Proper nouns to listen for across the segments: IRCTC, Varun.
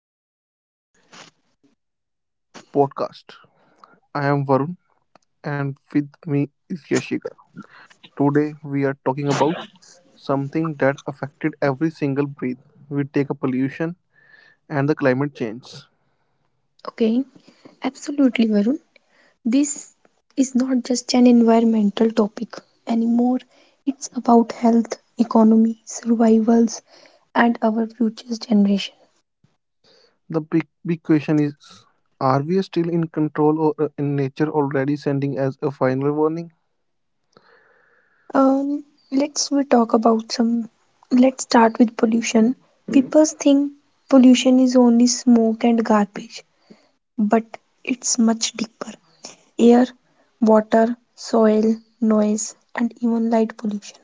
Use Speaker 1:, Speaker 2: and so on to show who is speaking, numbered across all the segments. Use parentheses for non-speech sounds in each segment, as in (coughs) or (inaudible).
Speaker 1: Today podcast. I am Varun and with me is Yashika. Today we are talking about something that affected every single breath. We take a pollution and the climate change.
Speaker 2: Okay, absolutely, Varun. This is not just an environmental topic anymore. It's about health, economy, survivals, and our future's generation.
Speaker 1: The big question is are we still in control or in nature already sending as a final warning?
Speaker 2: Um, let's we talk about some. Let's start with pollution. Hmm. People think pollution is only smoke and garbage, but it's much deeper. Air, water, soil, noise, and even light pollution.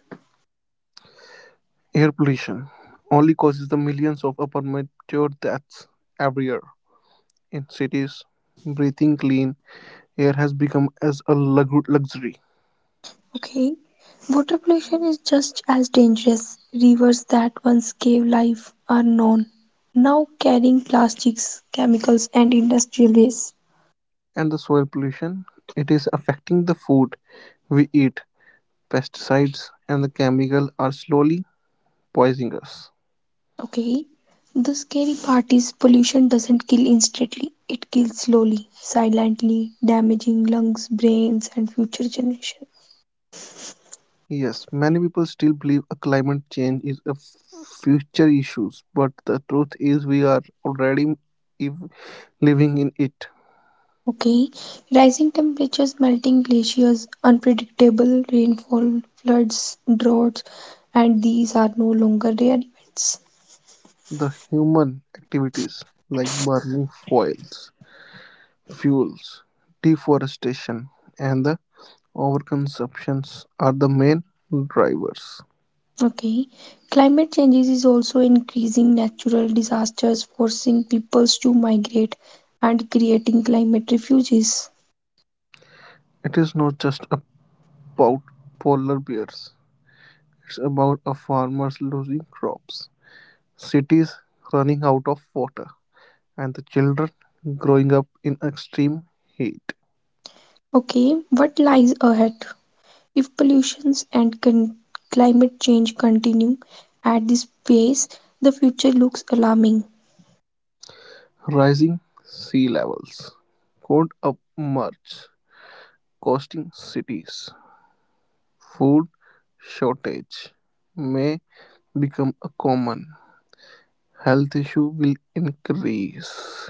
Speaker 1: Air pollution only causes the millions of premature deaths every year in cities. Breathing clean air has become as a luxury
Speaker 2: Okay. Water pollution is just as dangerous. Rivers that once gave life are known, now carrying plastics, chemicals, and industrial waste.
Speaker 1: and the soil pollution. It is affecting the food we eat. Pesticides and the chemical are slowly poisoning us.
Speaker 2: Okay. The scary part is pollution doesn't kill instantly, it kills slowly, silently, damaging lungs, brains, and future generations.
Speaker 1: Yes, many people still believe a climate change is a future issue, but the truth is we are already ev- living in it.
Speaker 2: Okay. Rising temperatures, melting glaciers, unpredictable rainfall, floods, droughts, and these are no longer rare events.
Speaker 1: The human activities like burning foils, fuels, deforestation, and the overconsumptions are the main drivers.
Speaker 2: Okay. Climate changes is also increasing natural disasters, forcing peoples to migrate and creating climate refuges.
Speaker 1: It is not just a about polar bears. It's about a farmers losing crops, cities running out of water, and the children growing up in extreme heat,
Speaker 2: Okay. What lies ahead? If pollutions and climate change continue at this pace, the future looks alarming.
Speaker 1: rising sea levels, cold upmarch costing cities, food shortage may become a common health issue will increase.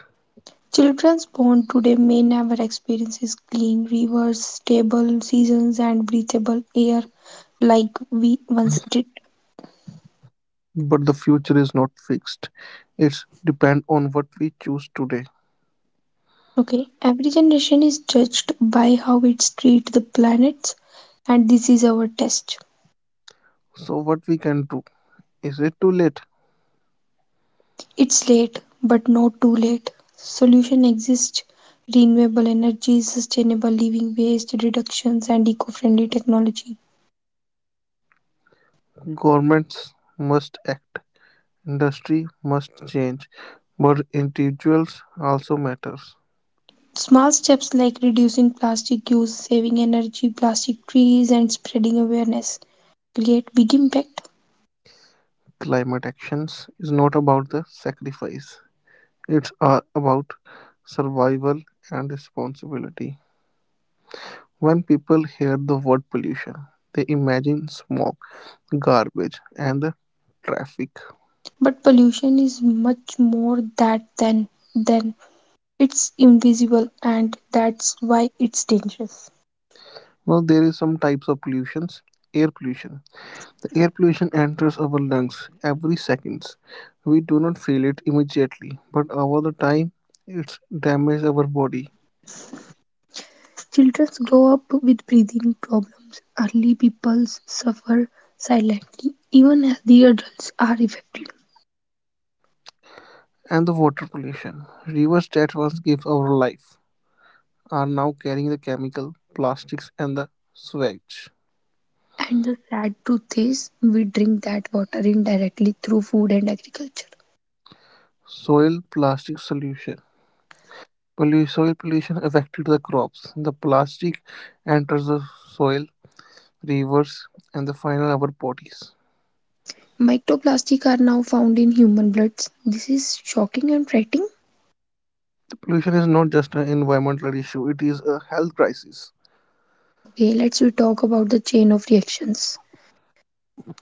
Speaker 2: Children's born today may never experience clean rivers, stable seasons, and breathable air like we once did.
Speaker 1: But the future is not fixed. It's depend on what we choose today.
Speaker 2: Okay, every generation is judged by how it treats the planets, and this is our test.
Speaker 1: So what we can do. Is it too late?
Speaker 2: It's late, but not too late. Solution exists renewable energy, sustainable living, waste reductions, and eco friendly technology.
Speaker 1: Governments must act, industry must change, but individuals also matters.
Speaker 2: Small steps like reducing plastic use, saving energy, plastic trees, and spreading awareness create big impact.
Speaker 1: Climate actions is not about the sacrifice. It's about survival and responsibility. When people hear the word pollution, they imagine smoke, garbage, and the traffic.
Speaker 2: But pollution is much more that than it's invisible, and that's why it's dangerous.
Speaker 1: Now there is some types of pollutions. Air pollution Air pollution enters our lungs every second. We do not feel it immediately, but over the time it damages our body.
Speaker 2: Children grow up with breathing problems. Early pupils suffer silently even as the adults are affected.
Speaker 1: And the water pollution. Rivers that once gave our life are now carrying the chemical, plastics, and the sewage.
Speaker 2: And the sad truth is, we drink that water indirectly through food and agriculture.
Speaker 1: Soil plastic solution. Soil pollution affected the crops. The plastic enters the soil, rivers, and the final our bodies.
Speaker 2: Microplastics are now found in human bloods. This is shocking and frightening.
Speaker 1: The pollution is not just an environmental issue; it is a health crisis.
Speaker 2: Okay, let's we talk about the chain of reactions.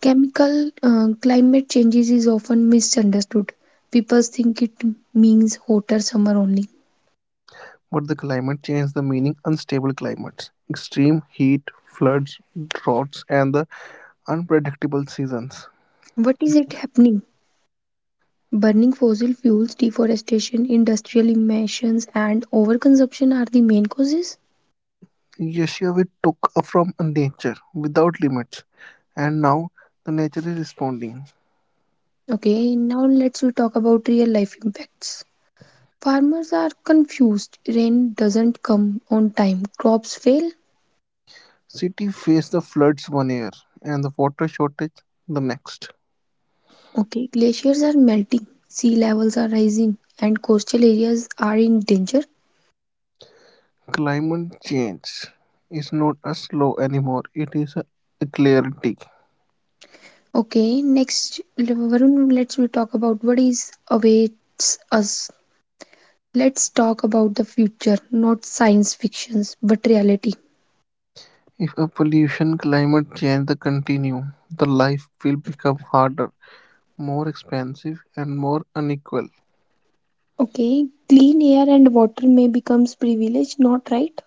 Speaker 2: Chemical Climate changes is often misunderstood. People think it means hotter summer only.
Speaker 1: But the climate changed the meaning unstable climates, extreme heat, floods, droughts, and the unpredictable seasons.
Speaker 2: What is it happening? Burning fossil fuels, deforestation, industrial emissions, and overconsumption are the main causes.
Speaker 1: Yashiovi took from nature without limits, and now the nature is responding.
Speaker 2: Okay, now let's we talk about real life impacts. Farmers are confused. Rain doesn't come on time. Crops fail.
Speaker 1: City faced the floods one year and the water shortage the next.
Speaker 2: Okay, glaciers are melting. Sea levels are rising, and coastal areas are in danger.
Speaker 1: Climate change is not a slow anymore, it is a clarity.
Speaker 2: Okay, next, Varun, let's we talk about what is awaits us. Let's talk about the future, not science fictions, but reality.
Speaker 1: If a pollution climate change the continue, the life will become harder More expensive and more unequal,
Speaker 2: Okay, clean air and water may becomes privilege, not right.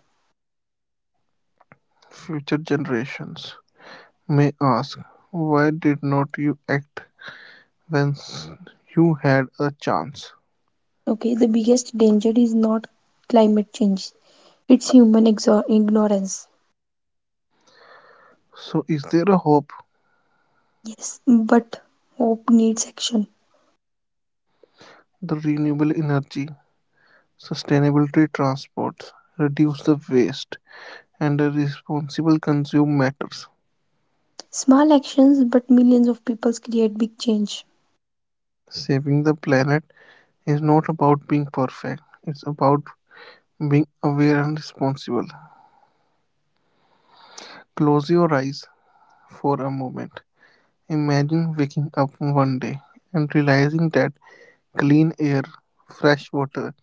Speaker 1: future generations may ask, why did not you act when you had a chance?
Speaker 2: Okay, the biggest danger is not climate change. It's ignorance.
Speaker 1: So, is there a hope
Speaker 2: Yes, but hope needs action.
Speaker 1: the renewable energy, sustainability transports, reduce the waste, and a responsible consume matters?
Speaker 2: Small actions, but millions of people create big change.
Speaker 1: Saving the planet is not about being perfect, it's about being aware and responsible. Close your eyes for a moment imagine waking up one day and realizing that clean air, fresh water,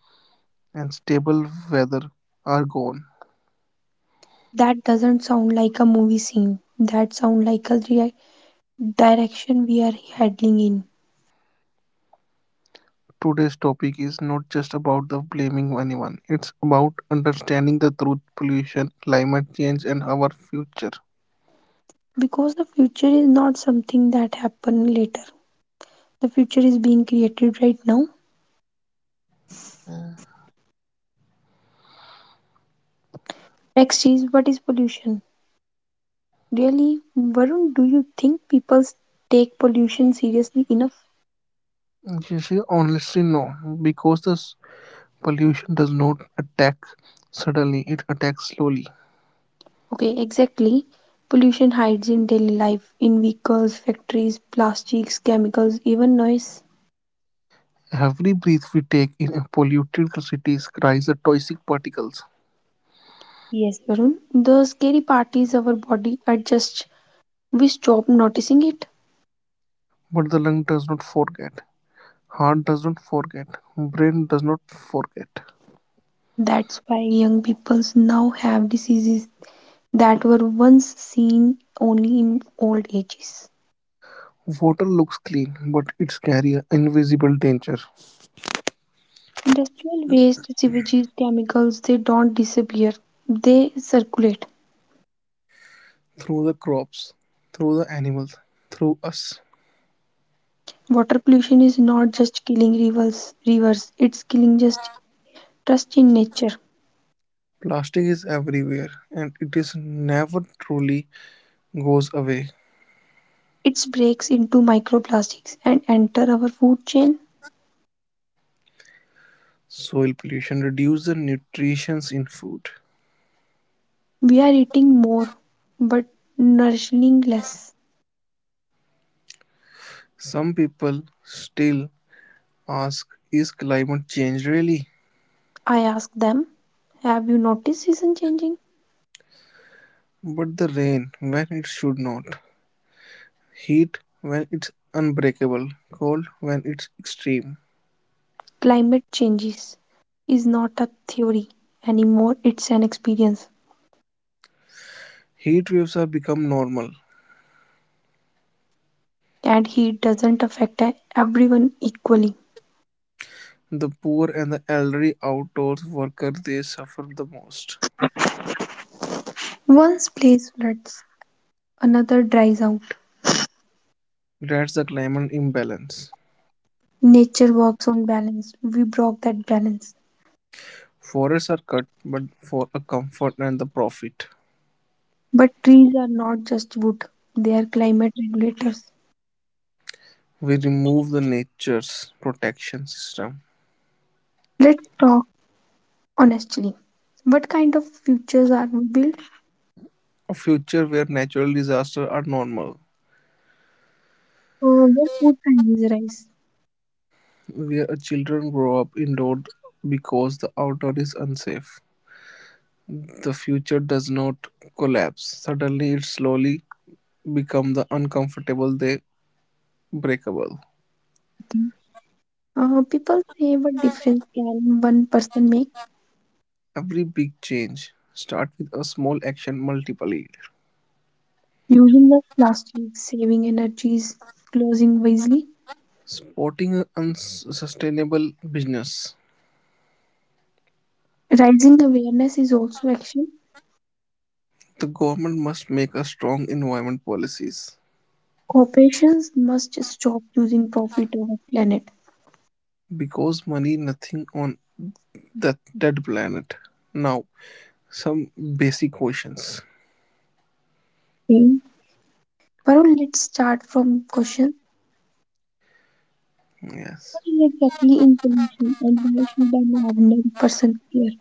Speaker 1: and stable weather are gone.
Speaker 2: That doesn't sound like a movie scene. That sound like a direction we are heading in.
Speaker 1: Today's topic is not just about the blaming anyone. It's about understanding the truth, pollution, climate change, and our future.
Speaker 2: Because the future is not something that happens later, the future is being created right now. Next is, what is pollution really? Varun, do you think people take pollution seriously enough?
Speaker 1: You see, honestly, no, because this pollution does not attack suddenly; it attacks slowly.
Speaker 2: Okay, exactly. Pollution hides in daily life, in vehicles, factories, plastics, chemicals, even noise.
Speaker 1: Every breath we take in polluted cities carries the toxic particles,
Speaker 2: Yes, Varun, the scary part is our body adjusts. We stop noticing it.
Speaker 1: but the lung does not forget. Heart doesn't forget, brain does not forget.
Speaker 2: That's why young people now have diseases that were once seen only in old ages.
Speaker 1: Water looks clean, but it's carrying invisible danger
Speaker 2: Industrial waste, sewage, chemicals, they don't disappear, they circulate.
Speaker 1: through the crops, through the animals, through us.
Speaker 2: Water pollution is not just killing rivers, it's killing just trust in nature.
Speaker 1: Plastic is everywhere and it is never truly goes away.
Speaker 2: It breaks into microplastics and enter our food chain.
Speaker 1: Soil pollution reduces the nutrition in food.
Speaker 2: We are eating more but nourishing less.
Speaker 1: Some people still ask, is climate change really?
Speaker 2: I ask them, have you noticed season changing?
Speaker 1: But the rain when it should not, heat when it's unbreakable, cold when it's extreme.
Speaker 2: Climate changes is not a theory anymore, it's an experience,
Speaker 1: Heat waves are become normal.
Speaker 2: and heat doesn't affect everyone equally.
Speaker 1: The poor and the elderly outdoors worker they suffer the most.
Speaker 2: One place floods, another dries out.
Speaker 1: That's the climate imbalance.
Speaker 2: Nature works on balance. We broke that balance.
Speaker 1: Forests are cut but for a comfort and the profit.
Speaker 2: But trees are not just wood, they are climate regulators.
Speaker 1: We remove the nature's protection system.
Speaker 2: Let's talk honestly. What kind of futures are we built?
Speaker 1: A future where natural disasters are normal.
Speaker 2: Where food prices rise?
Speaker 1: Where children grow up indoors because the outdoor is unsafe. The future does not collapse. Suddenly it slowly become the uncomfortable they breakable.
Speaker 2: People say, what difference can one person make?
Speaker 1: Every big change starts with a small action multiply
Speaker 2: Using less plastic, saving energies, closing wisely.
Speaker 1: supporting an unsustainable business,
Speaker 2: Rising awareness is also action.
Speaker 1: the government must make a strong environment policies
Speaker 2: Corporations must stop using profit over planet.
Speaker 1: because money nothing on that dead planet. Now, some basic questions.
Speaker 2: Then, Varun, let's start from question. What
Speaker 1: Yes.
Speaker 2: is exactly in pollution and why should an ordinary person care?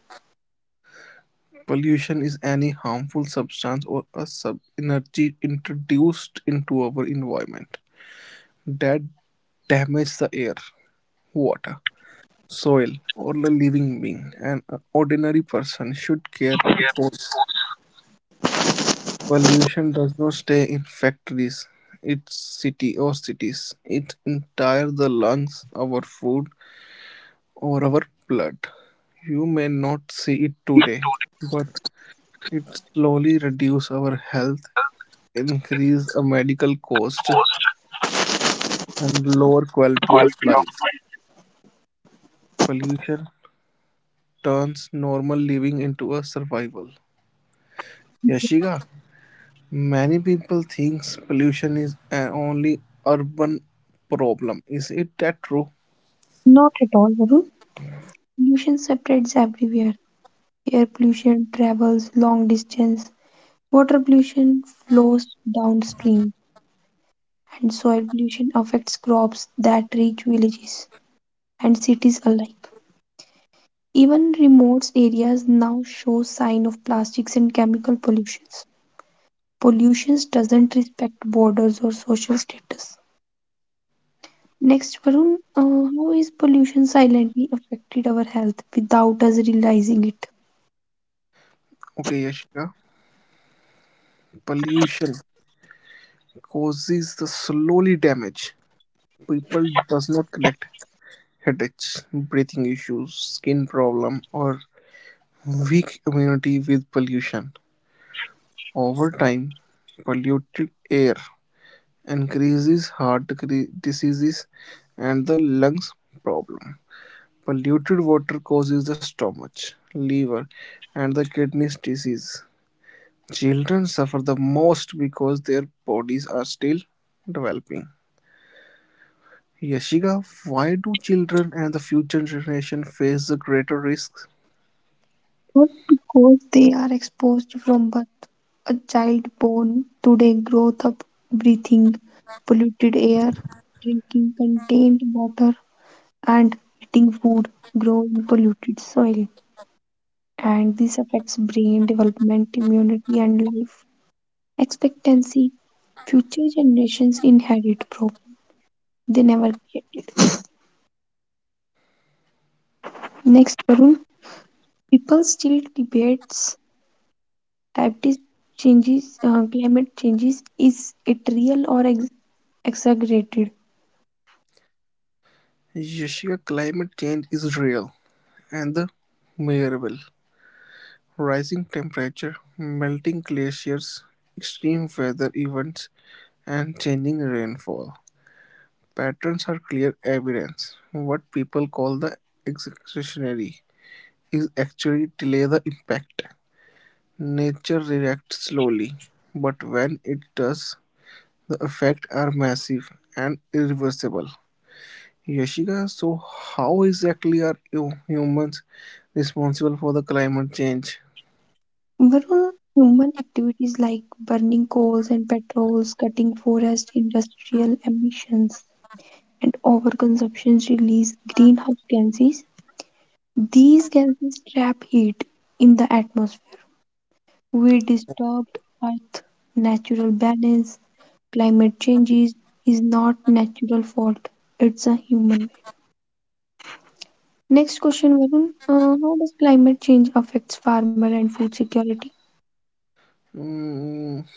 Speaker 1: Pollution is any harmful substance or a sub energy introduced into our environment that damages the air, water, soil or a living being. An ordinary person should care because pollution does not stay in factories, its city or cities. It entire the lungs, our food, or our blood. You may not see it today, but it slowly reduce our health, increase a medical cost, and lower quality of life. Pollution turns normal living into a survival.
Speaker 2: Okay.
Speaker 1: Yashika, many people think pollution is an only urban problem. Is it that true?
Speaker 2: Not at all, Varun. Pollution separates everywhere. Air pollution travels long distance. Water pollution flows downstream. And soil pollution affects crops that reach villages and cities alike. Even remote areas now show signs of plastics and chemical pollutions. Pollution doesn't respect borders or social status. Next, Varun, how is pollution silently affected our health without us realizing it?
Speaker 1: Okay, Yashika. Pollution causes the slowly damage. People does not connect headaches, breathing issues, skin problem, or weak immunity with pollution. Over time, polluted air increases diseases and the lungs problem. Polluted water causes the stomach, liver, and the kidneys disease. Children suffer the most because their bodies are still developing. Yashika, why do children and the future generation face the greater risks?
Speaker 2: Not because they are exposed from birth. A child born today grows up breathing polluted air, drinking contained water, and eating food grown in polluted soil, and this affects brain development, immunity, and life expectancy. Future generations inherit problems they never created. (coughs) Next, Varun. People still debates diabetes climate changes. Is it real or exaggerated?
Speaker 1: Yashika, climate change is real and the measurable. Rising temperature, melting glaciers, extreme weather events, and changing rainfall patterns are clear evidence what people call the "excretionary" is actually delay the impact. Nature reacts slowly, but when it does, the effects are massive and irreversible. Yashika, so how exactly are you humans responsible for the climate change?
Speaker 2: Varun, human activities like burning coals and petrols, cutting forests, industrial emissions, and overconsumption release greenhouse gases. These gases trap heat in the atmosphere. We disturbed Earth's natural balance. Climate changes is not natural fault; it's a human made. Next question, Varun. How does climate change affects farmer and food security?
Speaker 1: Mm,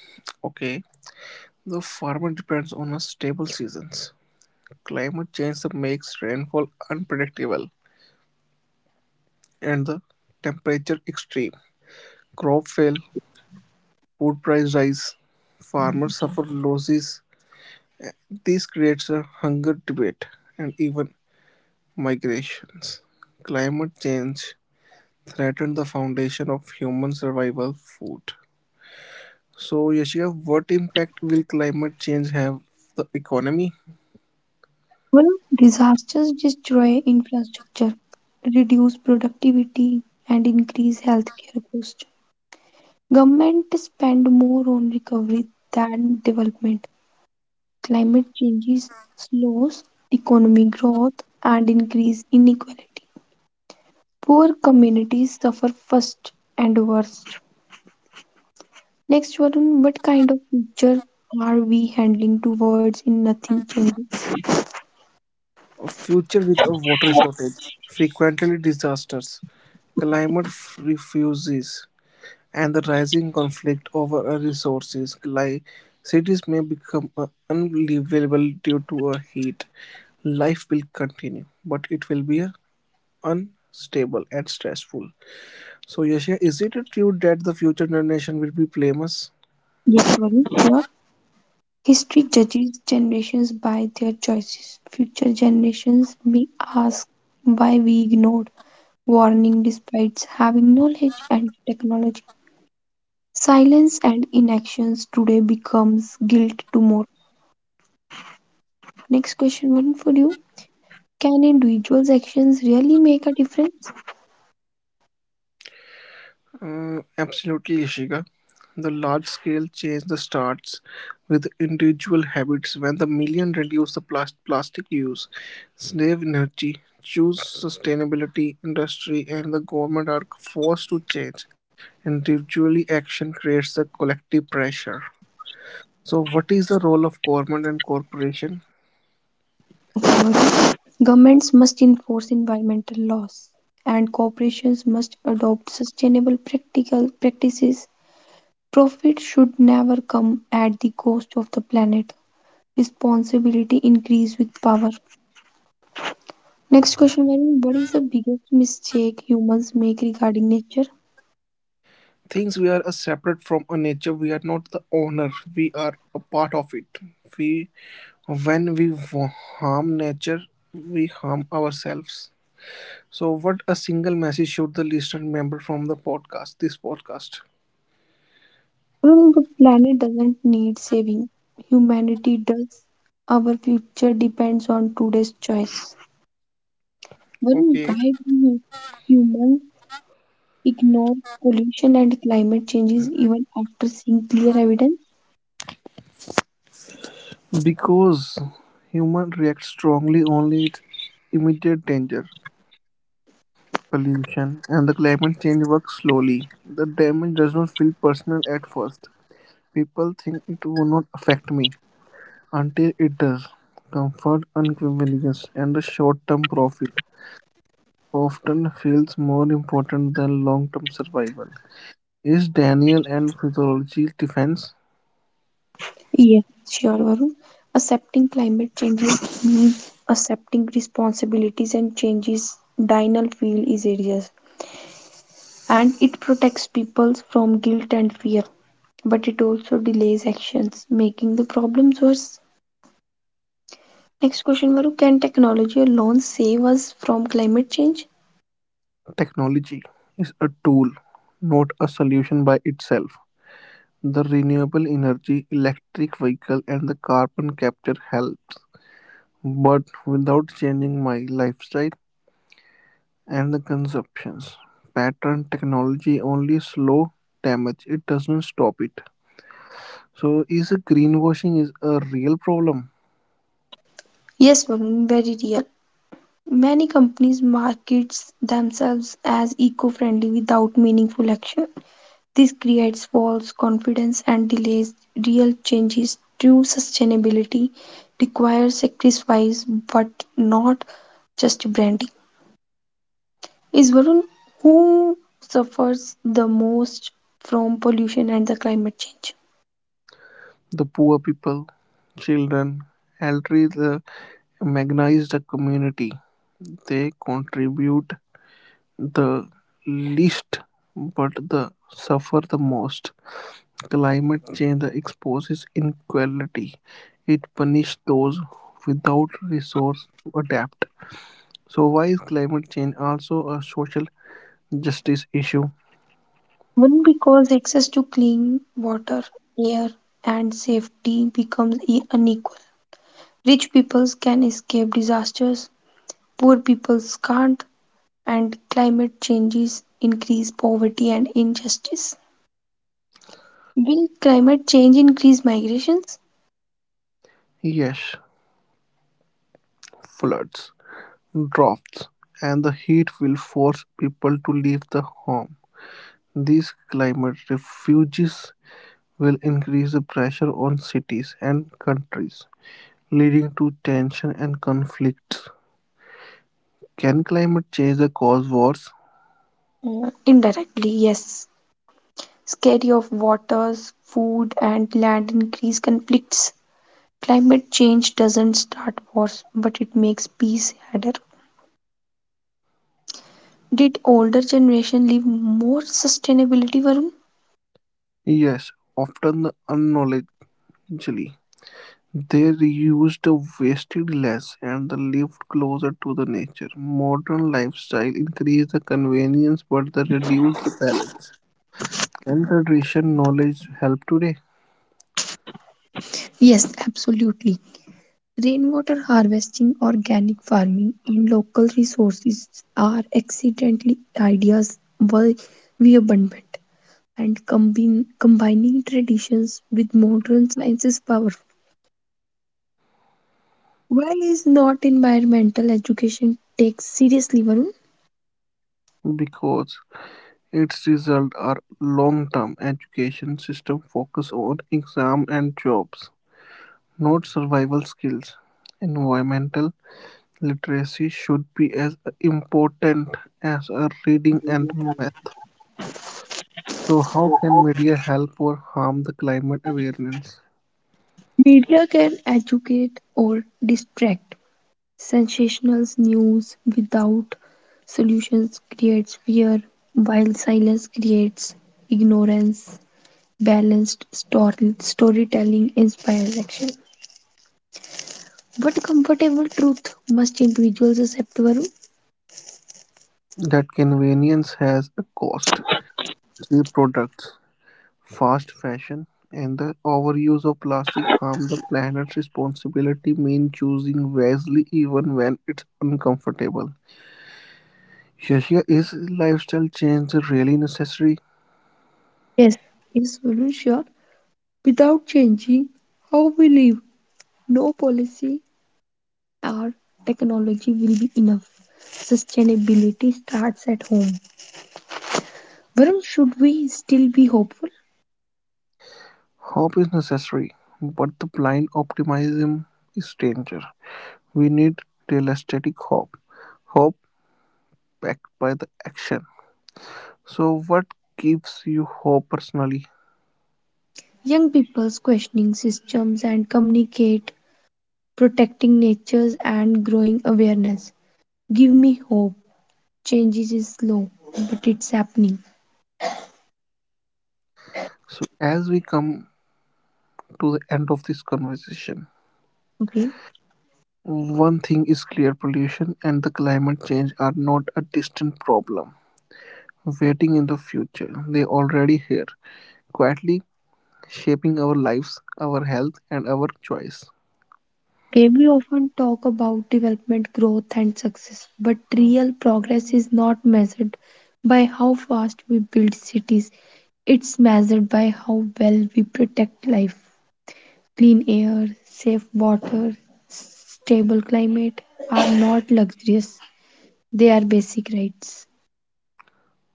Speaker 1: okay, the farmer depends on a stable seasons. Climate change makes rainfall unpredictable and the temperature extreme. Crop fail, food price rise, farmers suffer losses. This creates a hunger debate and even migrations. Climate change threatens the foundation of human survival food. So Yashika, what impact will climate change have the economy?
Speaker 2: Well, disasters destroy infrastructure, reduce productivity, and increase healthcare costs. Government spend more on recovery than development. Climate changes slows economic growth and increase inequality. Poor communities suffer first and worst. Next, Varun, what kind of future are we handling towards in nothing changes?
Speaker 1: A future with a water shortage, frequently disasters, climate refuses and the rising conflict over resources. Like cities may become unlivable due to a heat. Life will continue, but it will be unstable and stressful. So, Yashya, is it true that the future generation will be blameless?
Speaker 2: Yes, Varun, sure. History judges generations by their choices. Future generations may ask why we ignored warning despite having knowledge and technology. Silence and inactions today becomes guilt tomorrow. Next question one for you. Can individuals' actions really make a difference?
Speaker 1: Absolutely, Ishika. The large scale change the starts with individual habits. When the million reduce the plastic use, save energy, choose sustainability, industry, and the government are forced to change. Individually action creates the collective pressure. So, what is the role of government and corporation?
Speaker 2: Governments must enforce environmental laws and corporations must adopt sustainable practical practices. Profit should never come at the cost of the planet. Responsibility increase with power. Next question Varun, what is the biggest mistake humans make regarding nature?
Speaker 1: Things we are a separate from a nature we are not the owner we are a part of it we when we harm nature we harm ourselves so what a single message should the listener remember from the podcast
Speaker 2: Varun, the planet doesn't need saving. Humanity does. Our future depends on today's choice. Varun,
Speaker 1: okay
Speaker 2: why do humans ignore pollution and climate changes even after seeing clear evidence?
Speaker 1: because human reacts strongly only to immediate danger pollution and the climate change works slowly the damage does not feel personal at first people think it will not affect me until it does. Comfort, convenience, and the short-term profit often feels more important than long-term survival. Is Daniel and physiology's defense
Speaker 2: Yes, sure, Varun. Accepting climate changes means accepting responsibilities and changes Dinal feel is serious, and it protects people from guilt and fear, but it also delays actions, making the problems worse. Next question, Varun. Can technology alone save us from climate change?
Speaker 1: technology is a tool, not a solution by itself. The renewable energy, electric vehicle, and the carbon capture helps, but without changing my lifestyle and the consumptions pattern technology only slow damage. It doesn't stop it. So, is a greenwashing is a real problem?
Speaker 2: Yes, Varun, very real. Many companies market themselves as eco-friendly without meaningful action. This creates false confidence and delays real changes. True sustainability requires sacrifice but not just branding. Is Varun, who suffers the most from pollution and the climate change?
Speaker 1: The poor people, children, elderly, the marginalized community, they contribute the least, but the suffer the most. Climate change exposes inequality. It punishes those without resource to adapt. So, why is climate change also a social justice issue?
Speaker 2: One because access to clean water, air, and safety becomes unequal. Rich peoples can escape disasters. Poor people scarred, and climate changes increase poverty and injustice. Will climate change increase migrations?
Speaker 1: Yes, floods. Droughts and the heat will force people to leave the home. These climate refuges will increase the pressure on cities and countries, leading to tension and conflicts. Can climate change cause wars?
Speaker 2: Indirectly, yes. Scarcity of waters, food, and land increase conflicts. Climate change doesn't start wars, but it makes peace harder. Did older generation live more sustainability, Varun?
Speaker 1: Yes, often unknowingly. They reuse wasted less and the lived closer to the nature. Modern lifestyle increase the convenience but they reduce the balance. Can tradition knowledge help today?
Speaker 2: Yes, absolutely. Rainwater harvesting, organic farming, and local resources are excellently ideas why we abundant and combining traditions with modern science is powerful. Why is not environmental education taken seriously, Varun?
Speaker 1: Because its result are long-term education system focus on exam and jobs, not survival skills. Environmental literacy should be as important as a reading and math. So how can media help or harm the climate awareness?
Speaker 2: Media can educate or distract. Sensational news without solutions creates fear, while silence creates ignorance. Balanced story, storytelling inspires action, but comfortable truth must individuals accept, Varun?
Speaker 1: That convenience has a cost. Cheap products fast fashion and the overuse of plastic harm the planet's responsibility mean choosing wisely even when it's uncomfortable. Shashia, is lifestyle change really necessary?
Speaker 2: Yes, Yes, Varun, sure. Without changing how we live, no policy or technology will be enough. Sustainability starts at home. Varun, should we still be hopeful?
Speaker 1: Hope is necessary, but the blind optimism is danger. We need realistic hope, hope backed by the action. So, what gives you hope personally?
Speaker 2: Young people's questioning systems and communicate, protecting natures and growing awareness. Give me hope. Changes is slow, but it's happening.
Speaker 1: So, as we come to the end of this conversation,
Speaker 2: Okay.
Speaker 1: one thing is clear pollution and the climate change are not a distant problem waiting in the future. They already here, quietly shaping our lives, our health and our choice.
Speaker 2: Okay, we often talk about development, growth, and success, but real progress is not measured by how fast we build cities. It's measured by how well we protect life. Clean air, safe water, stable climate are not luxurious, they are basic rights.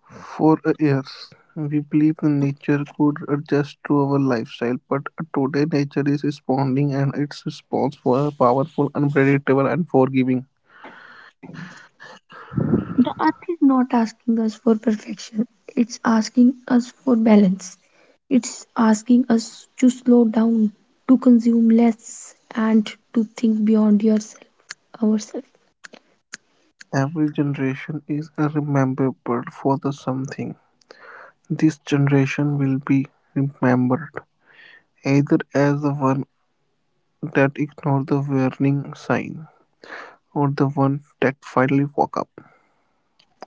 Speaker 1: For years, we believe the nature could adjust to our lifestyle, but today nature is responding and its response was powerful, unpredictable and forgiving.
Speaker 2: The earth is not asking us for perfection, it's asking us for balance. It's asking us to slow down, to consume less, and to think beyond ourselves.
Speaker 1: Every generation is remembered for the something. This generation will be remembered either as the one that ignored the warning sign or the one that finally woke up.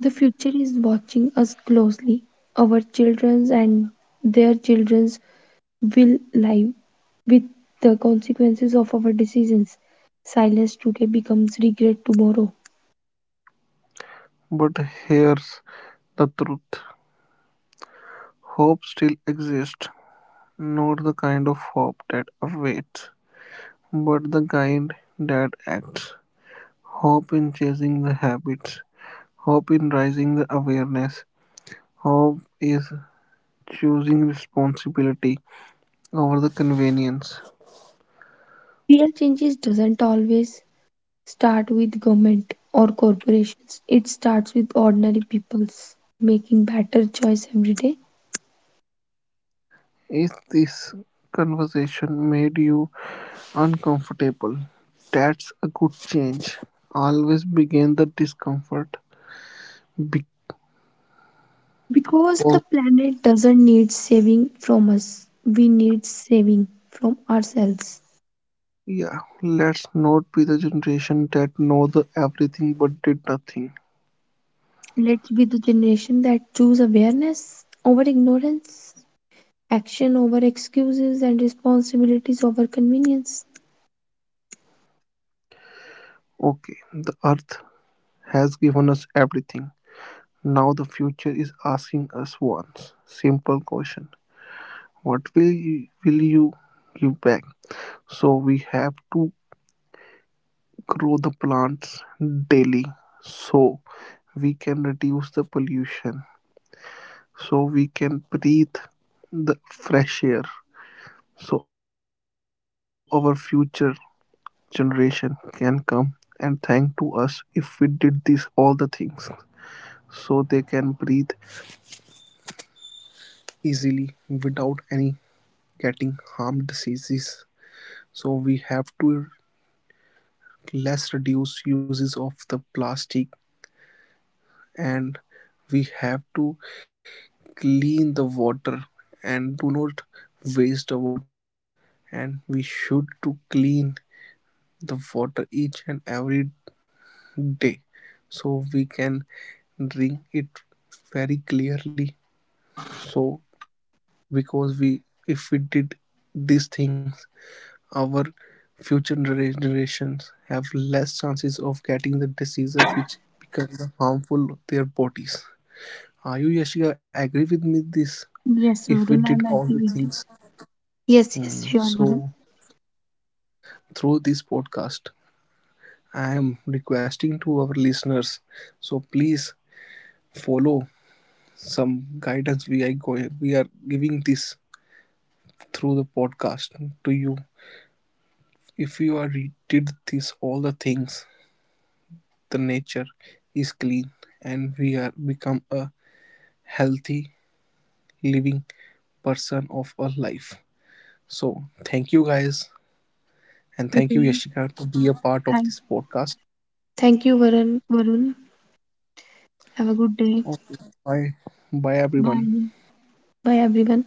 Speaker 2: The future is watching us closely. Our children's and their children's will live with the consequences of our decisions. Silence today becomes regret tomorrow.
Speaker 1: But here's the truth hope still exists, not the kind of hope that awaits, but the kind that acts. Hope in chasing the habits, hope in raising the awareness, hope is choosing responsibility over the convenience.
Speaker 2: Real changes doesn't always start with government or corporations. It starts with ordinary peoples making better choice every day
Speaker 1: If this conversation made you uncomfortable, that's a good change. Always begin the discomfort because
Speaker 2: because the planet doesn't need saving from us. We need saving from ourselves.
Speaker 1: yeah, let's not be the generation that know the everything but did nothing.
Speaker 2: Let's be the generation that choose awareness over ignorance, action over excuses and responsibilities over convenience.
Speaker 1: Okay, the earth has given us everything. Now the future is asking us once simple question. Will you give back? So we have to grow the plants daily so we can reduce the pollution so we can breathe the fresh air so our future generation can come and thank to us if we did these all the things so they can breathe easily without any getting harm diseases so we have to less reduce uses of the plastic and we have to clean the water and do not waste the water and we should to clean the water each and every day so we can drink it very clearly so because we if we did these things our future generations have less chances of getting the diseases which become harmful to their bodies are you Yashika agree with me this if we
Speaker 2: Yes,
Speaker 1: did all
Speaker 2: Varun,
Speaker 1: the
Speaker 2: I'm agree
Speaker 1: things
Speaker 2: with you.
Speaker 1: Mm,
Speaker 2: Yes,
Speaker 1: so
Speaker 2: yes, sure, Varun.
Speaker 1: through this podcast I am requesting to our listeners so please follow some guidance we are giving this through the podcast to you if you are did this all the things the nature is clean and we are become a healthy living person of our life so thank you guys and thank you Yashika
Speaker 2: Okay,
Speaker 1: to be a part of this
Speaker 2: thank
Speaker 1: podcast
Speaker 2: thank you, Varun. Varun, have a good day.
Speaker 1: okay bye bye everyone
Speaker 2: Bye. Bye everyone.